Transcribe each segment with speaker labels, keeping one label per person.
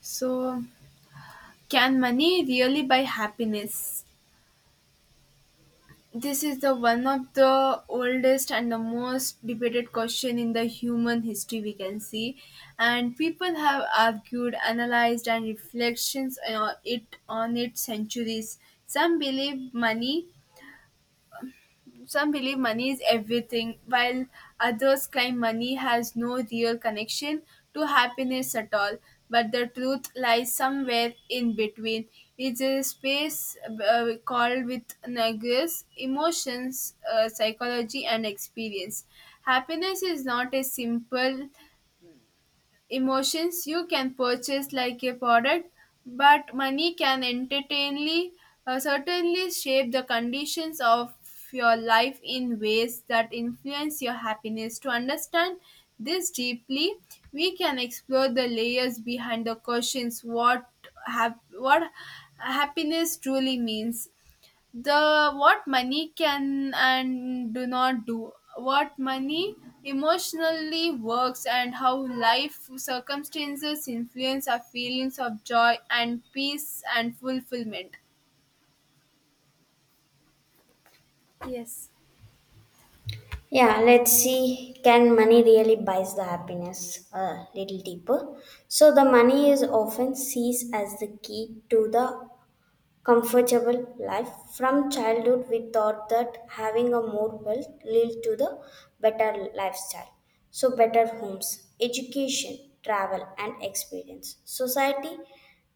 Speaker 1: So, can money really buy happiness? This is the one of the oldest and the most debated question in the human history we can see, and people have argued, analyzed, and reflections on it centuries. Some believe money some believe money is everything, while others claim money has no real connection to happiness at all. But the truth lies somewhere in between. It's a space called with nuggets, emotions, psychology, and experience. Happiness is not a simple emotions you can purchase like a product, but money can entertainly certainly shape the conditions of your life in ways that influence your happiness. To understand this deeply, we can explore the layers behind the questions what happiness truly means, the what money can and do not do, what money emotionally works, and how life circumstances influence our feelings of joy and peace and fulfillment. Yes.
Speaker 2: Yeah, let's see. Can money really buys the happiness? A little deeper. So the money is often sees as the key to the comfortable life. From childhood, we thought that having a more wealth lead to the better lifestyle. So, better homes, education, travel, and experience. Society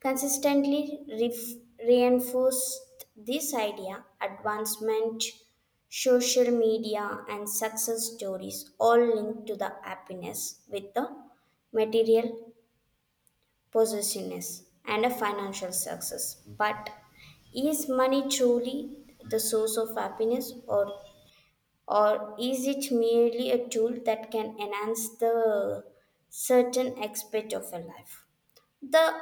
Speaker 2: consistently reinforced this idea. Advancement, social media, and success stories all linked to the happiness with the material possessiveness, and a financial success. But is money truly the source of happiness, or is it merely a tool that can enhance the certain aspect of a life? The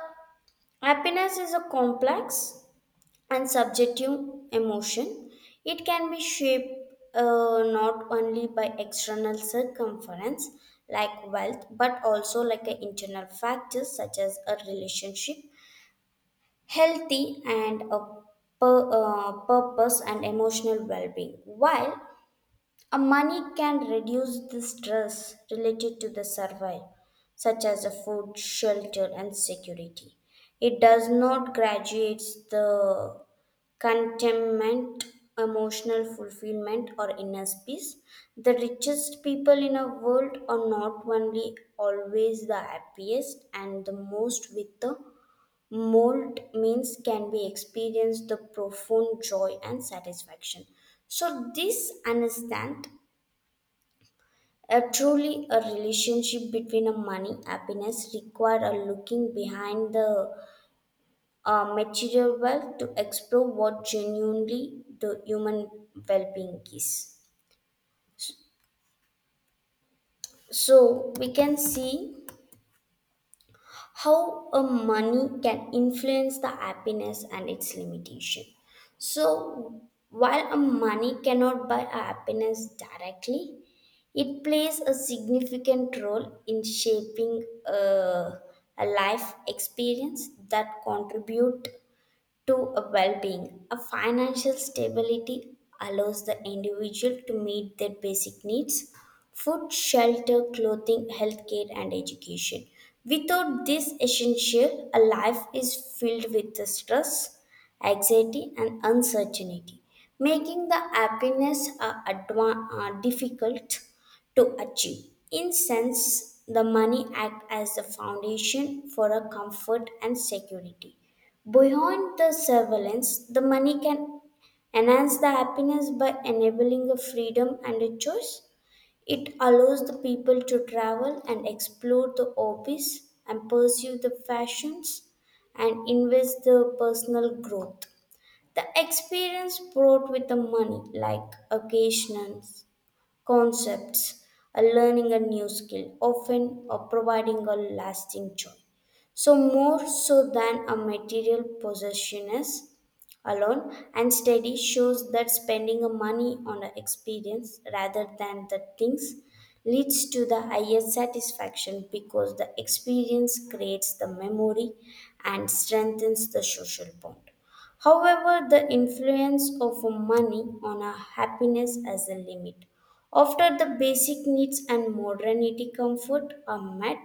Speaker 2: happiness is a complex and subjective emotion. It can be shaped not only by external circumference like wealth, but also like a internal factors such as a relationship, healthy and a purpose and emotional well-being. While a money can reduce the stress related to the survival such as a food shelter and security, it does not graduates the contentment, emotional fulfillment or inner peace. The richest people in a world are not only always the happiest, and the most with the Mold means can be experienced the profound joy and satisfaction. So this understand a truly a relationship between a money happiness require a looking behind the material wealth to explore what genuinely the human well-being is. So we can see how a money can influence the happiness and its limitation. So while a money cannot buy a happiness directly, it plays a significant role in shaping a life experience that contribute to a well-being. A financial stability allows the individual to meet their basic needs: food, shelter, clothing, healthcare, and education. Without this essential, a life is filled with the stress, anxiety, and uncertainty, making the happiness difficult to achieve. In sense, the money act as the foundation for a comfort and security. Beyond the surveillance, the money can enhance the happiness by enabling a freedom and a choice. It allows the people to travel and explore the hobbies and pursue the fashions and invest the personal growth. The experience brought with the money, like occasions concepts, learning a new skill, often providing a lasting joy. So, more so than a material possession is alone, and study shows that spending a money on an experience rather than the things leads to the highest satisfaction because the experience creates the memory and strengthens the social bond. However, the influence of money on our happiness has a limit. After the basic needs and modernity comfort are met,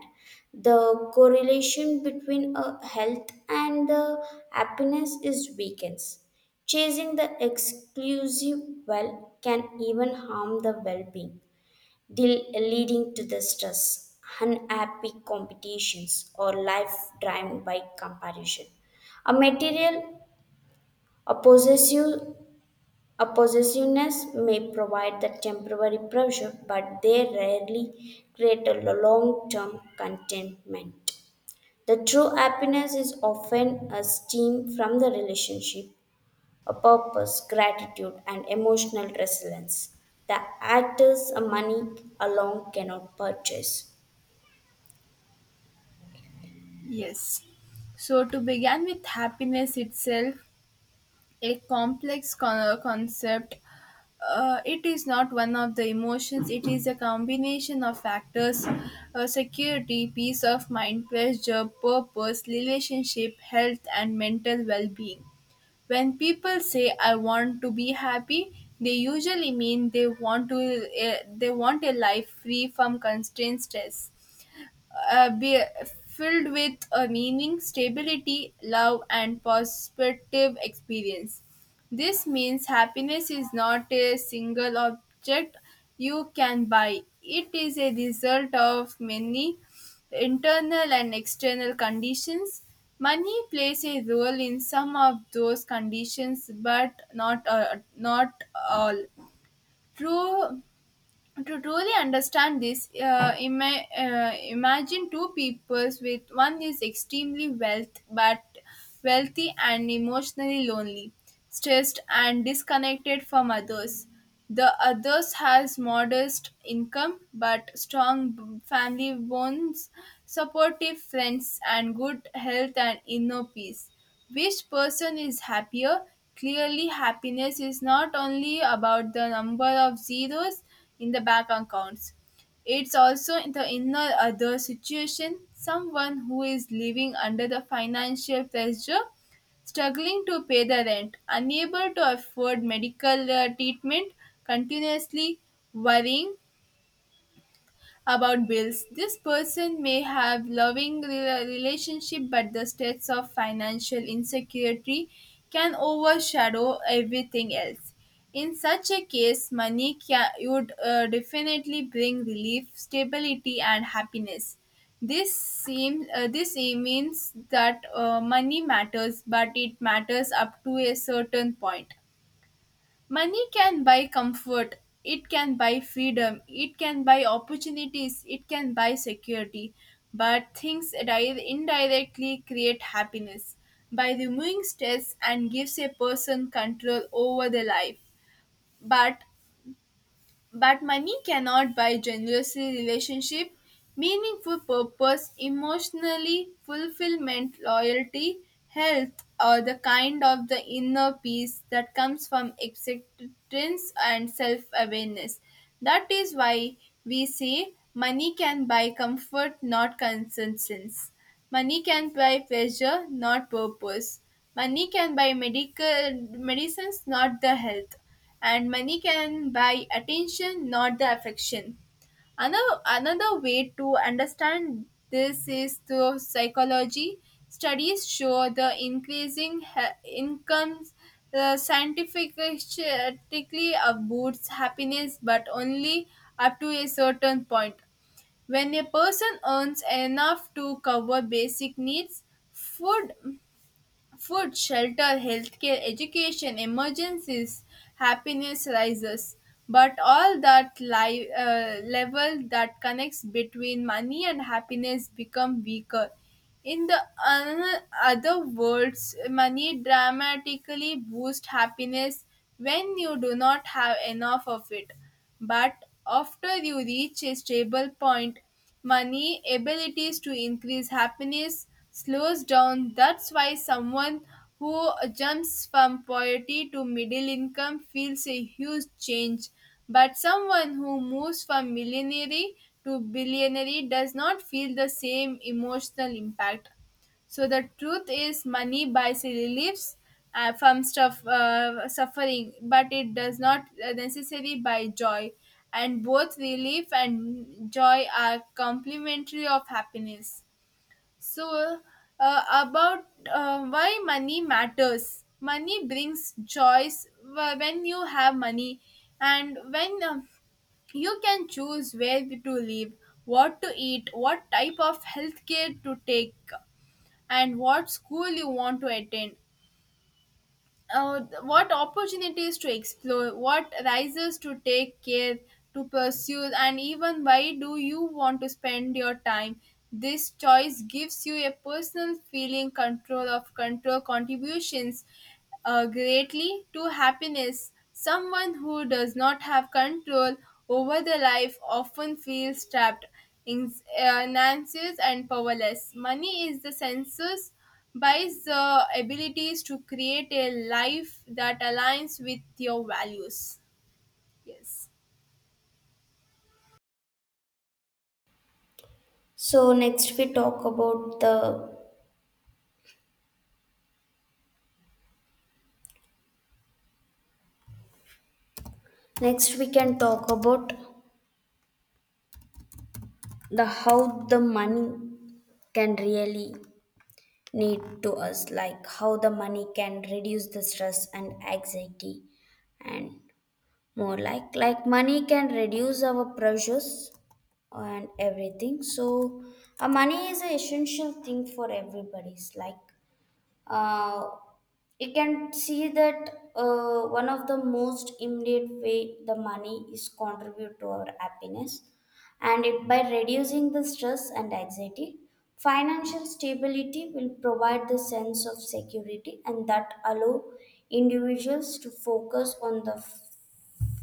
Speaker 2: the correlation between a health and the happiness is weakens. Chasing the exclusive well can even harm the well-being, leading to the stress, unhappy competitions, or life driven by comparison. A material, a possessive a possessiveness may provide the temporary pleasure, but they rarely create a long term contentment. The true happiness is often a steam from the relationship, a purpose, gratitude, and emotional resilience. The actors a money alone cannot purchase.
Speaker 1: Yes. So to begin with happiness itself, a concept. It is not one of the emotions, it is a combination of factors, security, peace of mind, pleasure, purpose, relationship, health, and mental well being. When people say, I want to be happy, they usually mean they want a life free from constraint stress, be filled with a meaning, stability, love, and positive experience. This means happiness is not a single object you can buy, it is a result of many internal and external conditions. Money plays a role in some of those conditions, but not all. True to truly understand this, imagine two peoples with one is extremely wealthy and emotionally lonely, stressed and disconnected from others. The others has modest income but family bonds, supportive friends, and good health and inner peace. Which person is happier? Clearly, happiness is not only about the number of zeros in the bank accounts. It's also in the inner other situation, someone who is living under the financial pressure, struggling to pay the rent, unable to afford medical treatment, continuously worrying about bills. This person may have relationship, but the stress of financial insecurity can overshadow everything else. In such a case, money would definitely bring relief, stability, and happiness. This means that money matters, but it matters up to a certain point. Money can buy comfort, it can buy freedom, it can buy opportunities, it can buy security, but indirectly create happiness by removing stress and gives a person control over their life. But but money cannot buy generosity, relationship, meaningful purpose, emotionally fulfillment, loyalty, health, or the kind of the inner peace that comes from acceptance and self-awareness. That is why we say money can buy comfort, not consensus. Money can buy pleasure, not purpose. Money can buy medical medicines, not the health, and money can buy attention, not the affection. Another way to understand this is through psychology. Studies show the incomes scientifically boosts happiness, but only up to a certain point. When a person earns enough to cover basic needs, food, food, shelter, healthcare, education, emergencies, happiness rises. But level that connects between money and happiness become weaker. In the other words, money dramatically boosts happiness when you do not have enough of it. But after you reach a stable point, money, abilities to increase happiness slows down. That's why someone who jumps from poverty to middle income feels a huge change. But someone who moves from millionaire to billionaire does not feel the same emotional impact. So the truth is, money buys reliefs from suffering, but it does not necessarily buy joy. And both relief and joy are complementary of happiness. So, about why money matters. Money brings choice. When you have money, and when you can choose where to live, what to eat, what type of health care to take, and what school you want to attend, what opportunities to explore, what rises to take care to pursue, and even why do you want to spend your time. This choice gives you a personal feeling control of control contributions greatly to happiness. Someone who does not have control over their life often feels trapped, in, uh, anxious, and powerless. Money is the senses by the abilities to create a life that aligns with your values. Yes.
Speaker 2: So next we talk about the next we can talk about the how the money can really need to us, like how the money can reduce the stress and anxiety, and more like money can reduce our pressures and everything. So a money is an essential thing for everybody's like uh, you can see that one of the most immediate way the money is contribute to our happiness, and it by reducing the stress and anxiety. Financial stability will provide the sense of security and that allow individuals to focus on the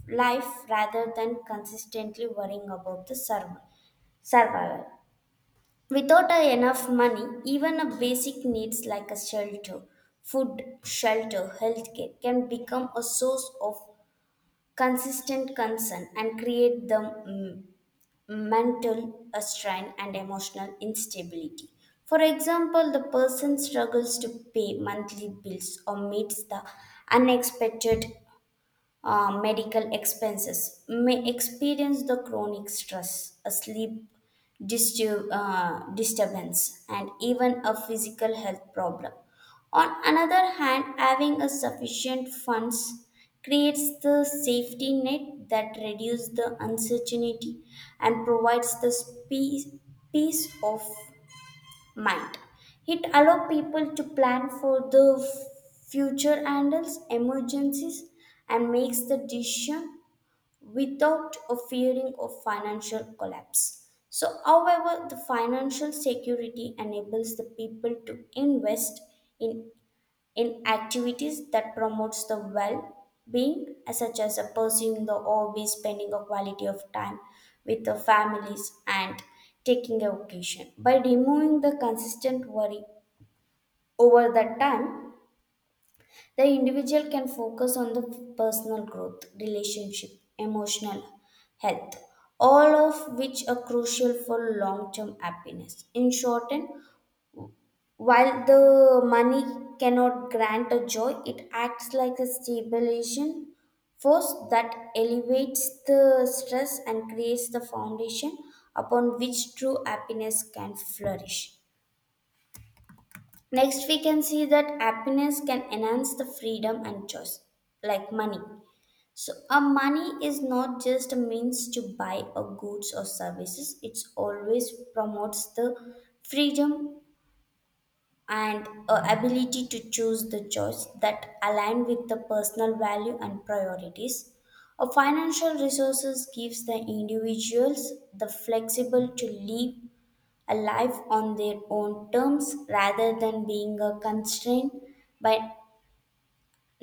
Speaker 2: life rather than consistently worrying about the survival. Without a enough money, even a basic needs like a shelter, food, shelter, healthcare can become a source of consistent concern and create the mental strain and emotional instability. For example, the person struggles to pay monthly bills or meets the unexpected medical expenses, may experience the chronic stress, a sleep disturbance, and even a physical health problem. On another hand, having a sufficient funds creates the safety net that reduces the uncertainty and provides the peace of mind. It allows people to plan for the future, handles emergencies, and makes the decision without a fearing of financial collapse. So, however, the financial security enables the people to invest in in activities that promotes the well-being as such as a pursuing the hobby, spending a quality of time with the families and taking a vacation. By removing the consistent worry over that time, the individual can focus on the personal growth, relationship, emotional health, all of which are crucial for long term happiness. In short end, while the money cannot grant a joy, it acts like a stabilization force that elevates the stress and creates the foundation upon which true happiness can flourish. Next, we can see that happiness can enhance the freedom and choice, like money. So, a money is not just a means to buy a goods or services, it always promotes the freedom and a ability to choose the choice that align with the personal value and priorities. A financial resources gives the individuals the flexible to live a life on their own terms rather than being a by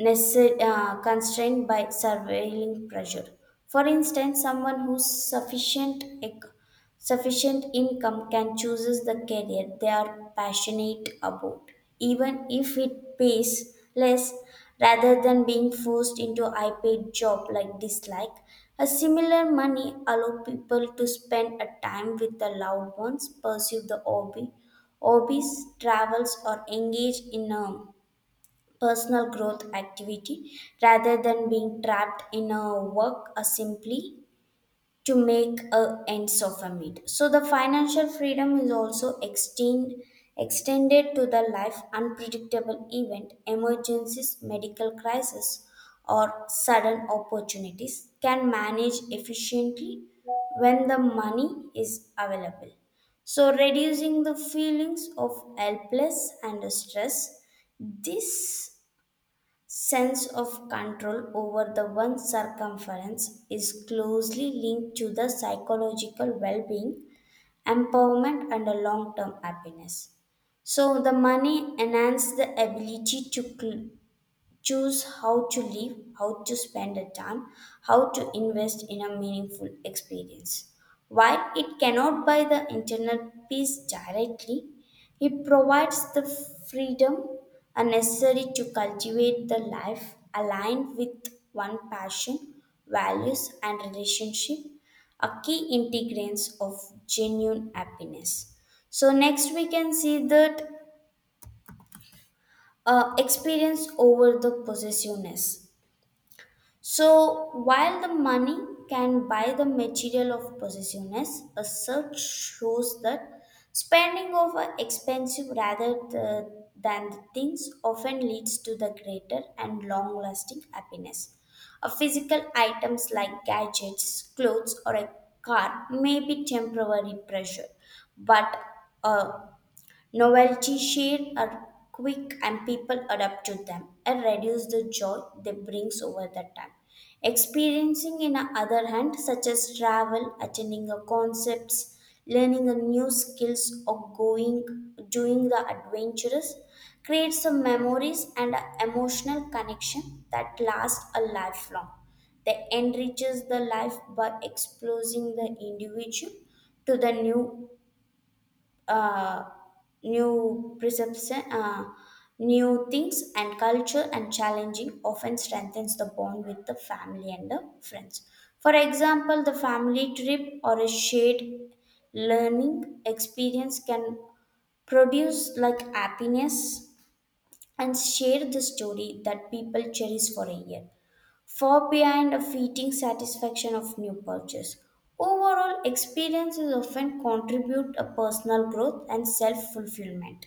Speaker 2: constrained by surveilling pressure. For instance, someone whose sufficient income can chooses the career they are passionate about, even if it pays less, rather than being forced into high paid job like dislike. A similar money allow people to spend a time with the loved ones, pursue the hobbies, travels, or engage in a personal growth activity rather than being trapped in a work simply to make a ends of a meet. So the financial freedom is also extended to the life unpredictable event, emergencies, medical crisis or sudden opportunities can manage efficiently when the money is available, so reducing the feelings of helpless and stress. This sense of control over the one's circumference is closely linked to the psychological well-being, empowerment and a long-term happiness. So the money enhances the ability to choose how to live, how to spend the time, how to invest in a meaningful experience. While it cannot buy the internal peace directly, it provides the freedom necessary to cultivate the life aligned with one passion, values, and relationship, a key integrants of genuine happiness. So, next we can see that experience over the possessiveness. So, while the money can buy the material of possessiveness, a search shows that spending over expensive than the things often leads to the greater and long lasting happiness. A physical items like gadgets, clothes, or a car may be temporary pleasure, but a Novelty share are quick and people adapt to them and reduce the joy they brings over the time. Experiencing in the other hand, such as travel, attending a concepts, learning a new skills or going doing the adventurous creates some memories and a emotional connection that lasts a lifelong. They enriches the life by exposing the individual to the new uh, new perception, new things and culture and challenging often strengthens the bond with the family and the friends. For example, the family trip or a shared learning experience can produce like happiness and share the story that people cherish for a year far behind a fleeting satisfaction of new purchase. Overall, experiences often contribute a personal growth and self-fulfillment.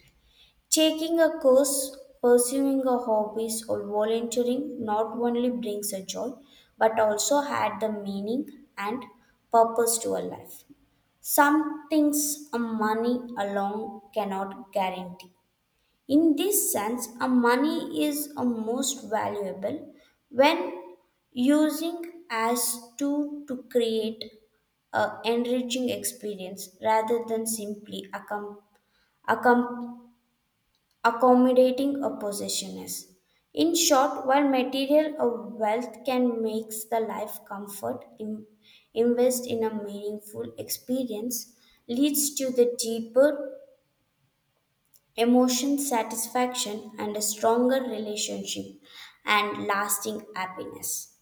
Speaker 2: Taking a course, pursuing a hobbies or volunteering not only brings a joy but also add the meaning and purpose to a life. Some things a money alone cannot guarantee. In this sense, a money is a most valuable when using as tool to create a enriching experience rather than simply accom- accommodating a possessioness. In short, while material or wealth can make the life comfort, invest in a meaningful experience leads to the deeper emotion satisfaction and a stronger relationship and lasting happiness.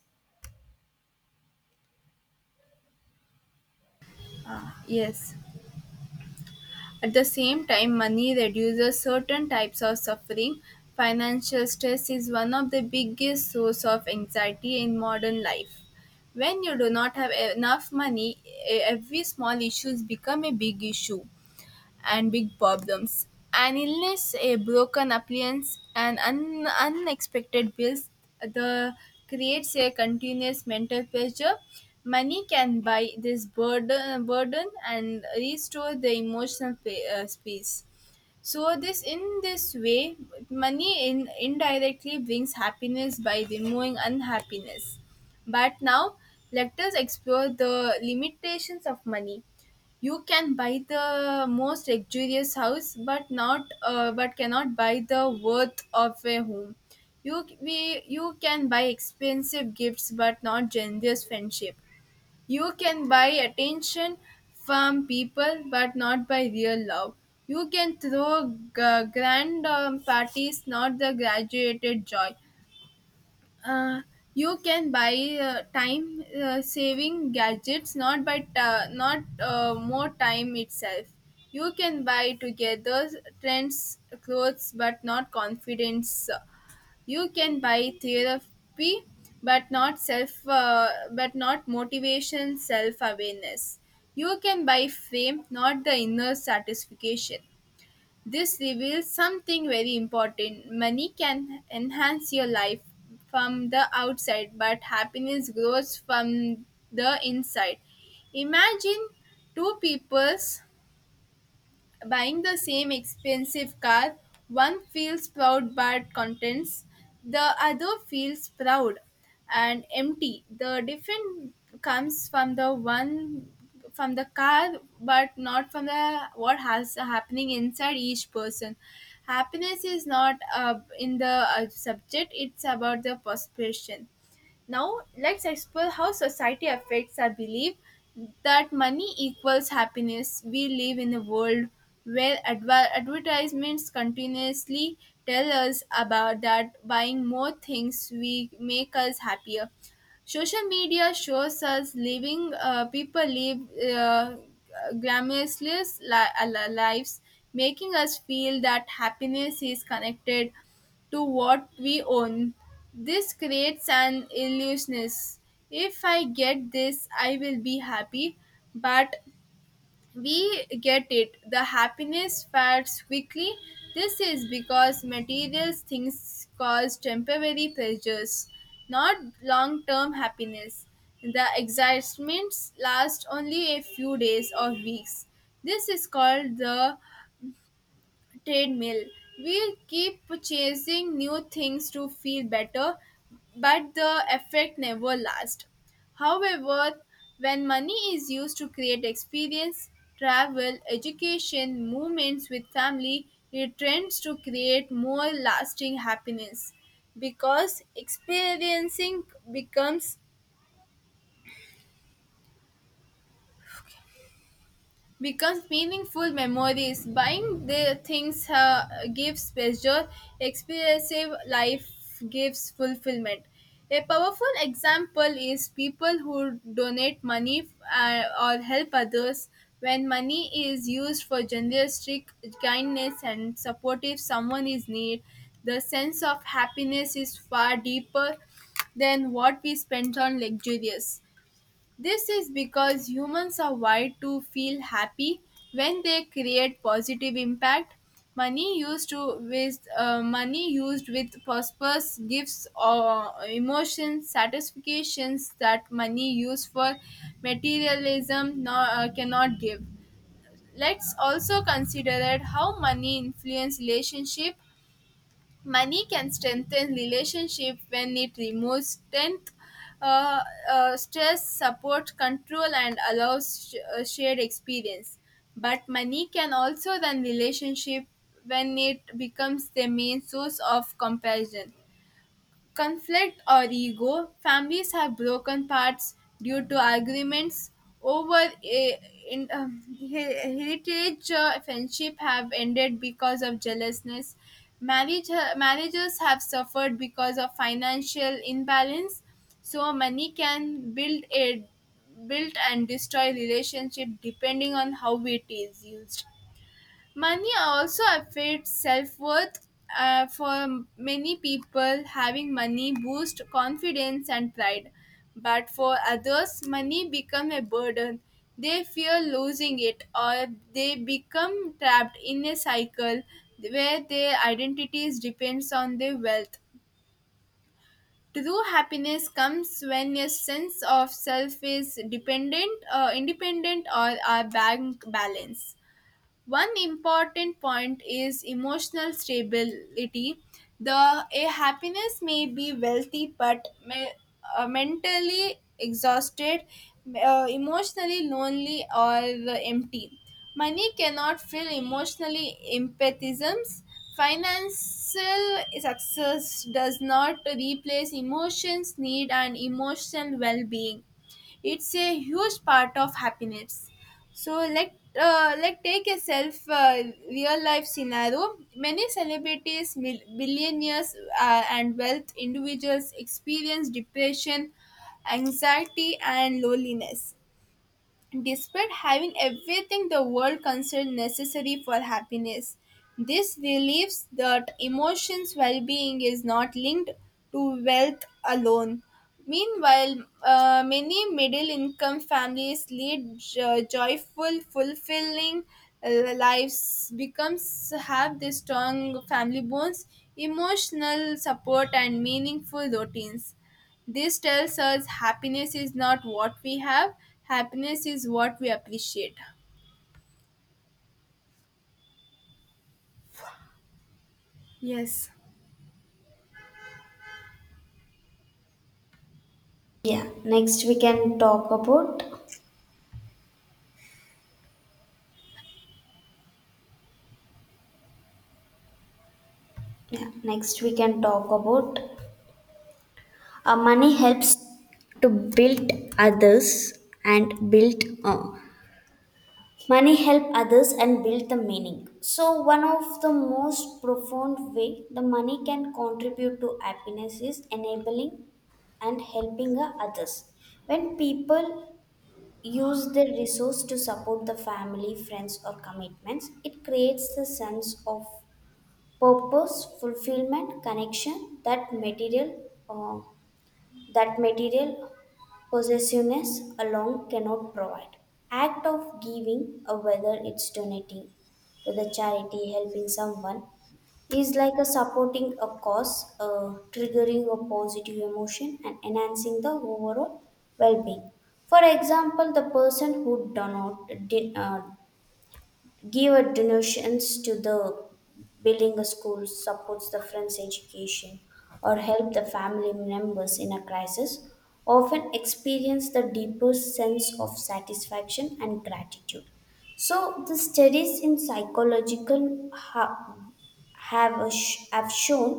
Speaker 1: Yes. At the same time, money reduces certain types of suffering. Financial stress is one of the biggest source of anxiety in modern life. When you do not have enough money, every small issues become a big issue and big problems. An illness, a broken appliance, and unexpected bills, the creates a continuous mental pressure. Money can buy this burden, burden and restore the emotional space. So this in this way, money in indirectly brings happiness by removing unhappiness. But now let us explore the limitations of money. You can buy the most luxurious house, but cannot buy the worth of a home. You can buy expensive gifts, but not generous friendship. You can buy attention from people, but not by real love. You can throw grand parties, not the graduated joy. uh, you can buy time saving gadgets not by ta- not more time itself. You can buy together trends clothes, but not confidence. You can buy therapy, but not motivation self awareness. You can buy fame, not the inner satisfaction. This reveals something very important. Money can enhance your life from the outside, but happiness grows from the inside. Imagine two peoples buying the same expensive car, one feels proud but contents, the other feels proud and empty. The difference comes from the car, but not from the what has happening inside each person. Happiness is not in the subject, it's about the perception. Now, let's explore how society affects our belief that money equals happiness. We live in a world where advertisements continuously tell us about that buying more things we make us happier. Social media shows us living people live uh, glamorous lives, making us feel that happiness is connected to what we own. This creates an illusionist. If I get this, I will be happy. But we get it. The happiness fades quickly. This is because material things cause temporary pleasures, not long term happiness. The excitements last only a few days or weeks. This is called the treadmill. We keep chasing new things to feel better, but the effect never lasts. However, when money is used to create experience, travel, education, moments with family, it tends to create more lasting happiness because experiencing becomes becomes meaningful memories. Buying the things gives pleasure, expensive life gives fulfillment. A powerful example is people who donate money or help others. When money is used for generosity, kindness, and support if someone is need, the sense of happiness is far deeper than what we spend on luxurious. This is because humans are wired to feel happy when they create positive impact. Money used with purpose gives emotions satisfactions that money used for materialism cannot give. Let's also consider that how money influence relationship. Money can strengthen relationship when it removes strength, uh, stress support control, and allows shared experience, but money can also run relationship when it becomes the main source of comparison, conflict, or ego. Families have broken parts due to arguments over heritage. Friendship have ended because of jealousness. Marriages have suffered because of financial imbalance. So money can build and destroy relationship depending on how it is used. Money also affects self worth. For many people, having money boosts confidence and pride. But for others, money becomes a burden. They fear losing it or they become trapped in a cycle where their identities depends on their wealth. True happiness comes when a sense of self is independent, or are bank balance. One important point is emotional stability. The a happiness may be wealthy but may, mentally exhausted, emotionally lonely or empty. Money cannot fill emotionally empathisms. Financial success does not replace emotions, need, and emotional well-being. It's a huge part of happiness. So let take a self real life scenario. Many celebrities, billionaires, and wealth individuals experience depression, anxiety, and loneliness. Despite having everything the world considers necessary for happiness, this relieves that emotions well being is not linked to wealth alone. Meanwhile, many middle income families lead joyful, fulfilling lives, becomes have the strong family bonds, emotional support, and meaningful routines. This tells us happiness is not what we have, happiness is what we appreciate. Yes,
Speaker 2: Yeah next we can talk about yeah next we can talk about money helps to build others and build money help others and build the meaning. So one of the most profound way the money can contribute to happiness is enabling and helping others. When people use their resource to support the family, friends, or commitments, it creates the sense of purpose, fulfillment, connection that material possessiveness alone cannot provide. Act of giving, whether it's donating to the charity, helping someone, is like a supporting a cause, triggering a positive emotion and enhancing the overall well-being. For example, the person who do not did, give a donations to the building a school, supports the friend's education or help the family members in a crisis, often experience the deeper sense of satisfaction and gratitude. So the studies in psychological ha- have, a sh- have shown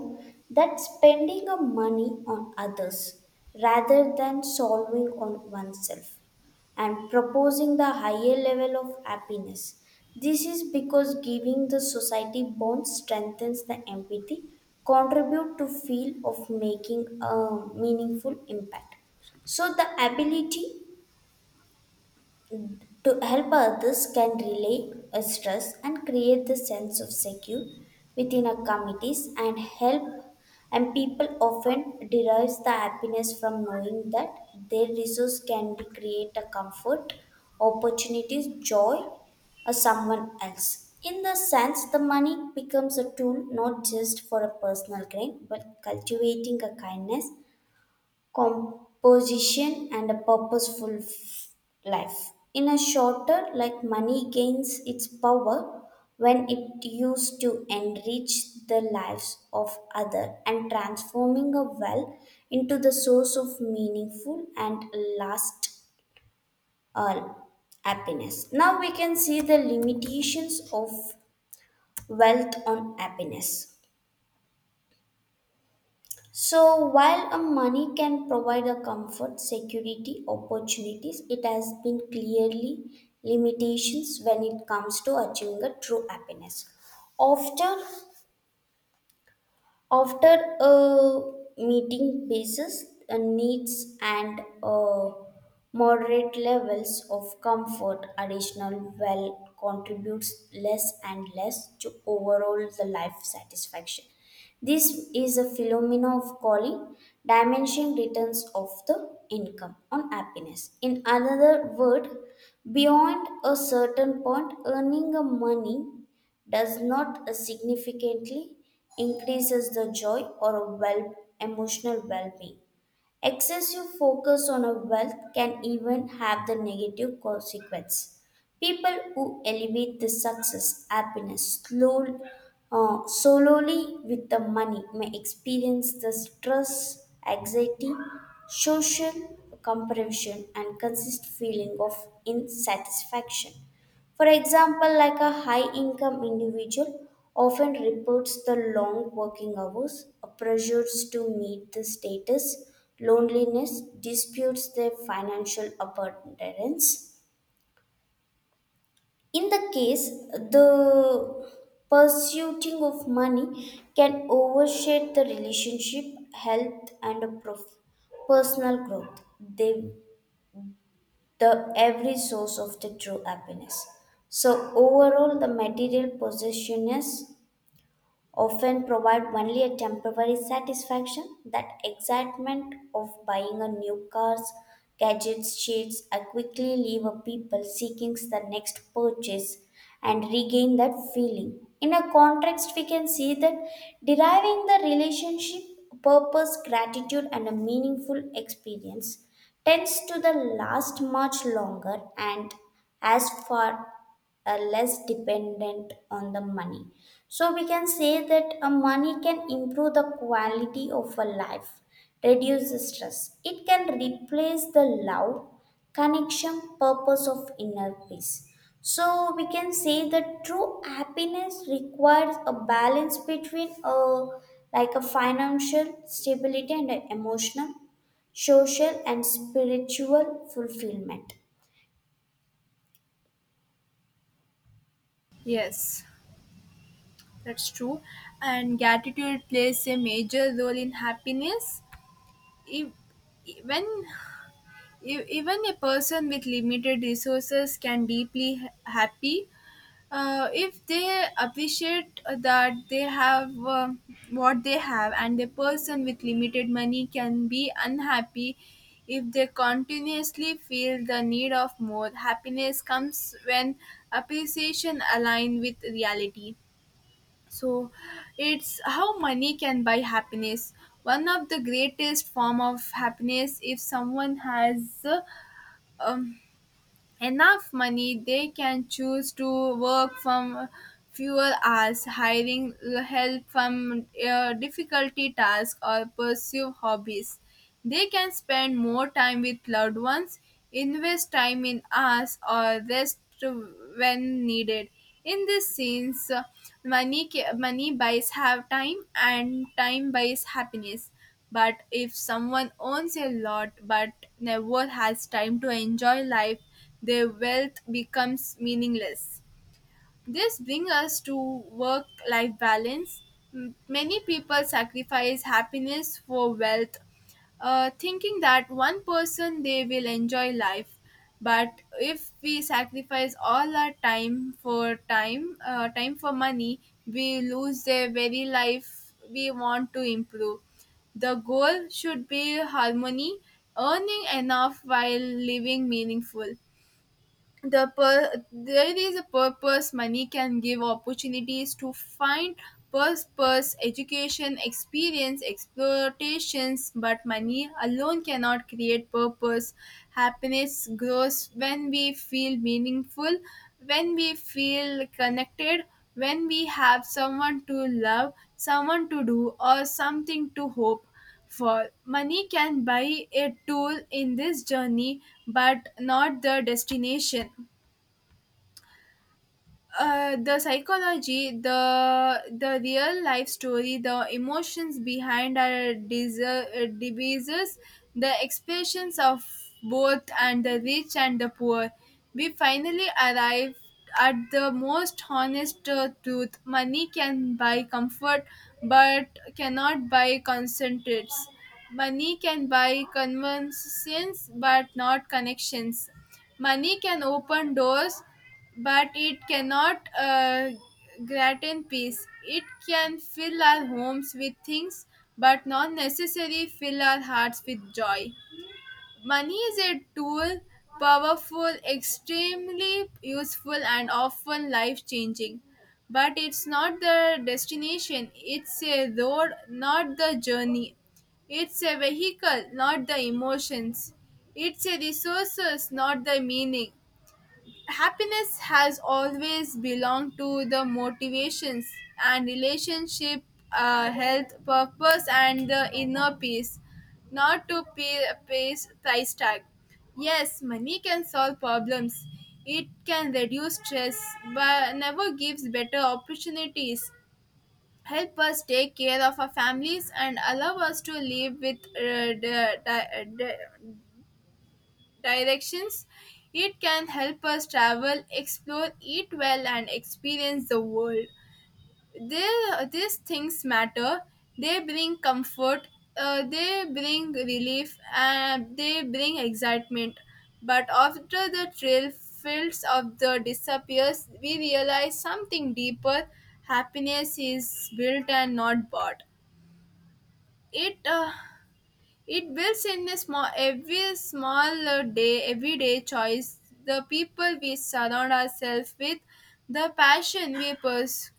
Speaker 2: that spending of money on others rather than solving on oneself and proposing the higher level of happiness. This is because giving the society bonds strengthens the empathy, contribute to feel of making a meaningful impact. So the ability to help others can relieve a stress and create the sense of secure within our communities and help and people often derives the happiness from knowing that their resource can be create a comfort opportunities joy or someone else in the sense the money becomes a tool not just for a personal gain but cultivating a kindness composition and a life. In a shorter, like money gains its power when it used to enrich the lives of other and transforming a well into the source of meaningful and last uh, happiness. Now we can see the limitations of wealth on happiness. So, while a money can provide a comfort, security, opportunities, it has been clearly limitations when it comes to achieving a true happiness. Often, after a meeting basis needs and moderate levels of comfort, additional well contributes less and less to overall the life satisfaction. This is a phenomena of calling dimension returns of the income on happiness. In another word, beyond a certain point, earning a money does not significantly increases the joy or well emotional well-being. Excessive focus on a wealth can even have the negative consequence. People who elevate the success, happiness, slow, solely with the money may experience the stress, anxiety, social comparison, and consistent feeling of insatisfaction. For example, like a high income individual often reports the long working hours, pressures to meet the status, loneliness, disputes their financial abundance. In the case, the pursuing of money can overshadow the relationship, health, and a personal growth. They the every source of the true happiness. So overall, the material possession is often provide only a temporary satisfaction. That excitement of buying a new cars, gadgets, sheets, I quickly leave a people seeking the next purchase and regain that feeling. In a context, we can see that deriving the relationship, purpose, gratitude, and a meaningful experience tends to the last much longer and as far less dependent on the money. So we can say that a money can improve the quality of a life, reduce the stress. It can replace the love, connection, purpose of inner peace. So we can say that true happiness requires a balance between a like a financial stability and an emotional, social and spiritual fulfillment.
Speaker 1: yes, that's true. And gratitude plays a major role in happiness. If, when E- even a person with limited resources can deeply happy if they appreciate that they have what they have, and a person with limited money can be unhappy if they continuously feel the need of more. Happiness comes when appreciation align with reality. So it's how money can buy happiness. One of the greatest form of happiness, if someone has um, enough money, they can choose to work from fewer hours, hiring help from difficulty tasks or pursue hobbies. They can spend more time with loved ones, invest time in us, or rest when needed. In this sense, money buys have time and time buys happiness. But if someone owns a lot but never has time to enjoy life, their wealth becomes meaningless. This brings us to work life balance. Many people sacrifice happiness for wealth, thinking that one person they will enjoy life. But if we sacrifice all our time for time for money, we lose the very life we want to improve. The goal should be harmony, earning enough while living meaningful. There is a purpose. Money can give opportunities to find purpose, education, experience, exploitations, but money alone cannot create purpose. Happiness grows when we feel meaningful, when we feel connected, when we have someone to love, someone to do, or something to hope for. Money can buy a tool in this journey, but not the destination. The psychology, the real life story, the emotions behind our devices, the expressions of both and the rich and the poor. We finally arrived at the most honest truth. Money can buy comfort, but cannot buy concentrates. Money can buy convenience, but not connections. Money can open doors, but it cannot grant peace. It can fill our homes with things, but not necessarily fill our hearts with joy. Money is a tool, powerful, extremely useful, and often life changing. But it's not the destination, it's a road, not the journey. It's a vehicle, not the emotions. It's a resources, not the meaning. Happiness has always belonged to the motivations and relationship, health, purpose, and the inner peace, not to pay pays price tag. Yes, money can solve problems, it can reduce stress, but never gives better opportunities, help us take care of our families, and allow us to live with directions. It can help us travel, explore, eat well, and experience the world. They, these things matter. They bring comfort, they bring relief, and they bring excitement. But after the trail fields of the disappears, we realize something deeper. Happiness is built and not bought. It uh, it builds in a small, every small day, everyday choice, the people we surround ourselves with, the passion we pursue,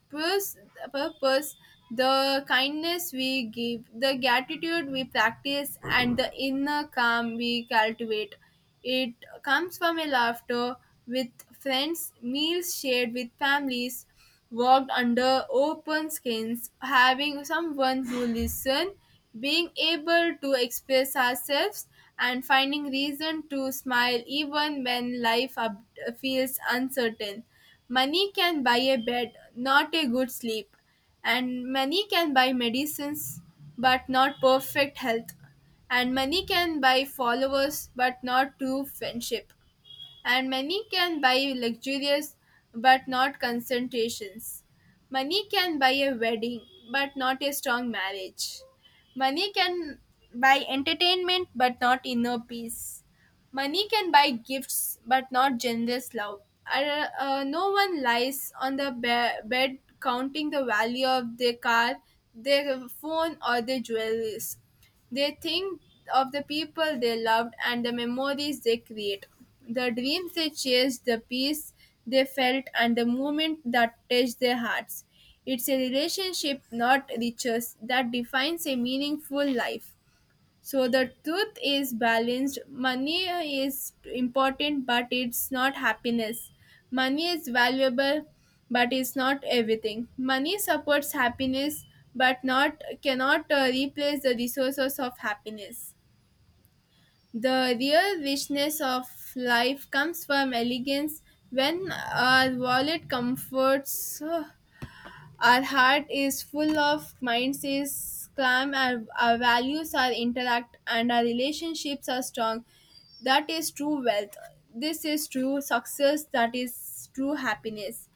Speaker 1: purpose, the kindness we give, the gratitude we practice, and the inner calm we cultivate. It comes from a laughter with friends, meals shared with families, worked under open skies, having someone who listened, being able to express ourselves, and finding reason to smile even when feels uncertain. Money can buy a bed, not a good sleep, and money can buy medicines, but not perfect health, and money can buy followers but not true friendship, and money can buy luxurious but not concentrations. Money can buy a wedding but not a strong marriage. Money can buy entertainment but not inner peace. Money can buy gifts, but not generous love. No one lies on the bed counting the value of their car, their phone, or their jewelries. They think of the people they loved and the memories they create, the dreams they chased, the peace they felt, and the moment that touched their hearts. It's a relationship, not riches, that defines a meaningful life. So the truth is balanced. Money is important, but it's not happiness. Money is valuable, but it's not everything. Money supports happiness, but not cannot replace the resources of happiness. The real richness of life comes from elegance when our wallet comforts, our heart is full, of minds is calm, our values are intact, and our relationships are strong. That is true wealth. This is true success. That is true happiness.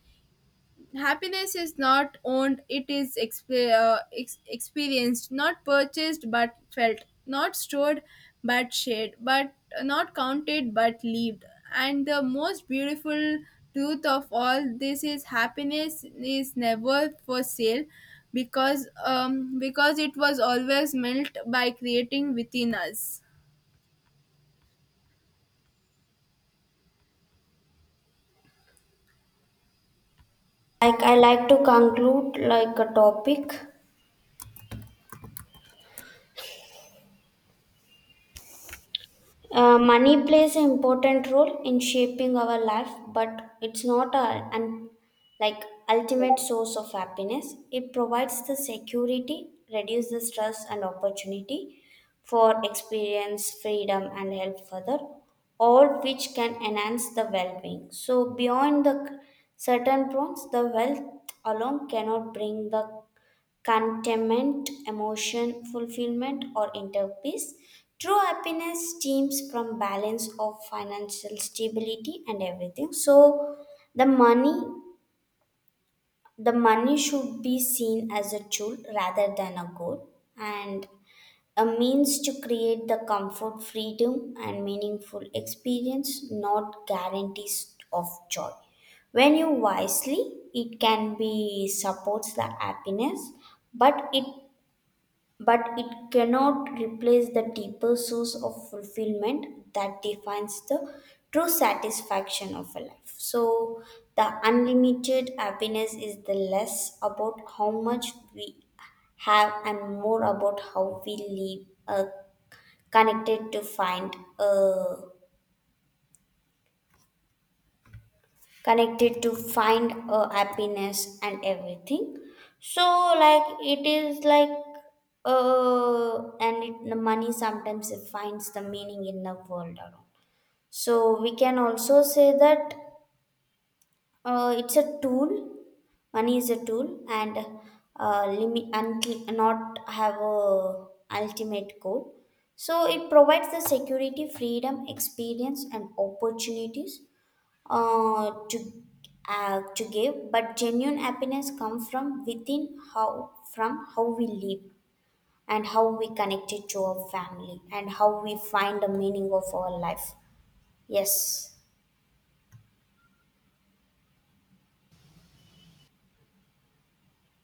Speaker 1: Happiness is not owned, it is experienced, not purchased but felt, not stored but shared, but not counted but lived. And the most beautiful truth of all this is happiness is never for sale, because it was always meant by creating within us.
Speaker 2: Like I like to conclude like a topic. Money plays an important role in shaping our life, but it's not a an like ultimate source of happiness. It provides the security, reduces the stress and opportunity for experience, freedom, and help further, all which can enhance the well-being. So beyond the certain prompts, the wealth alone cannot bring the contentment, emotion, fulfillment, or inner peace. True happiness stems from balance of financial stability and everything. So the money the money should be seen as a tool rather than a goal and a means to create the comfort, freedom and meaningful experience, not guarantees of joy. When you wisely, it can be supports the happiness, but it but it cannot replace the deeper source of fulfillment that defines the true satisfaction of a life. So, the unlimited happiness is the less about how much we have and more about how we live connected to find. Connected to find a happiness and everything so like it is like and it, the money sometimes it finds the meaning in the world around so we can also say that it's a tool money is a tool and limit until not have a ultimate goal so it provides the security freedom experience and opportunities uh, to to give, but genuine happiness comes from within how from how we live and how we connected to our family and how we find the meaning of our life. Yes.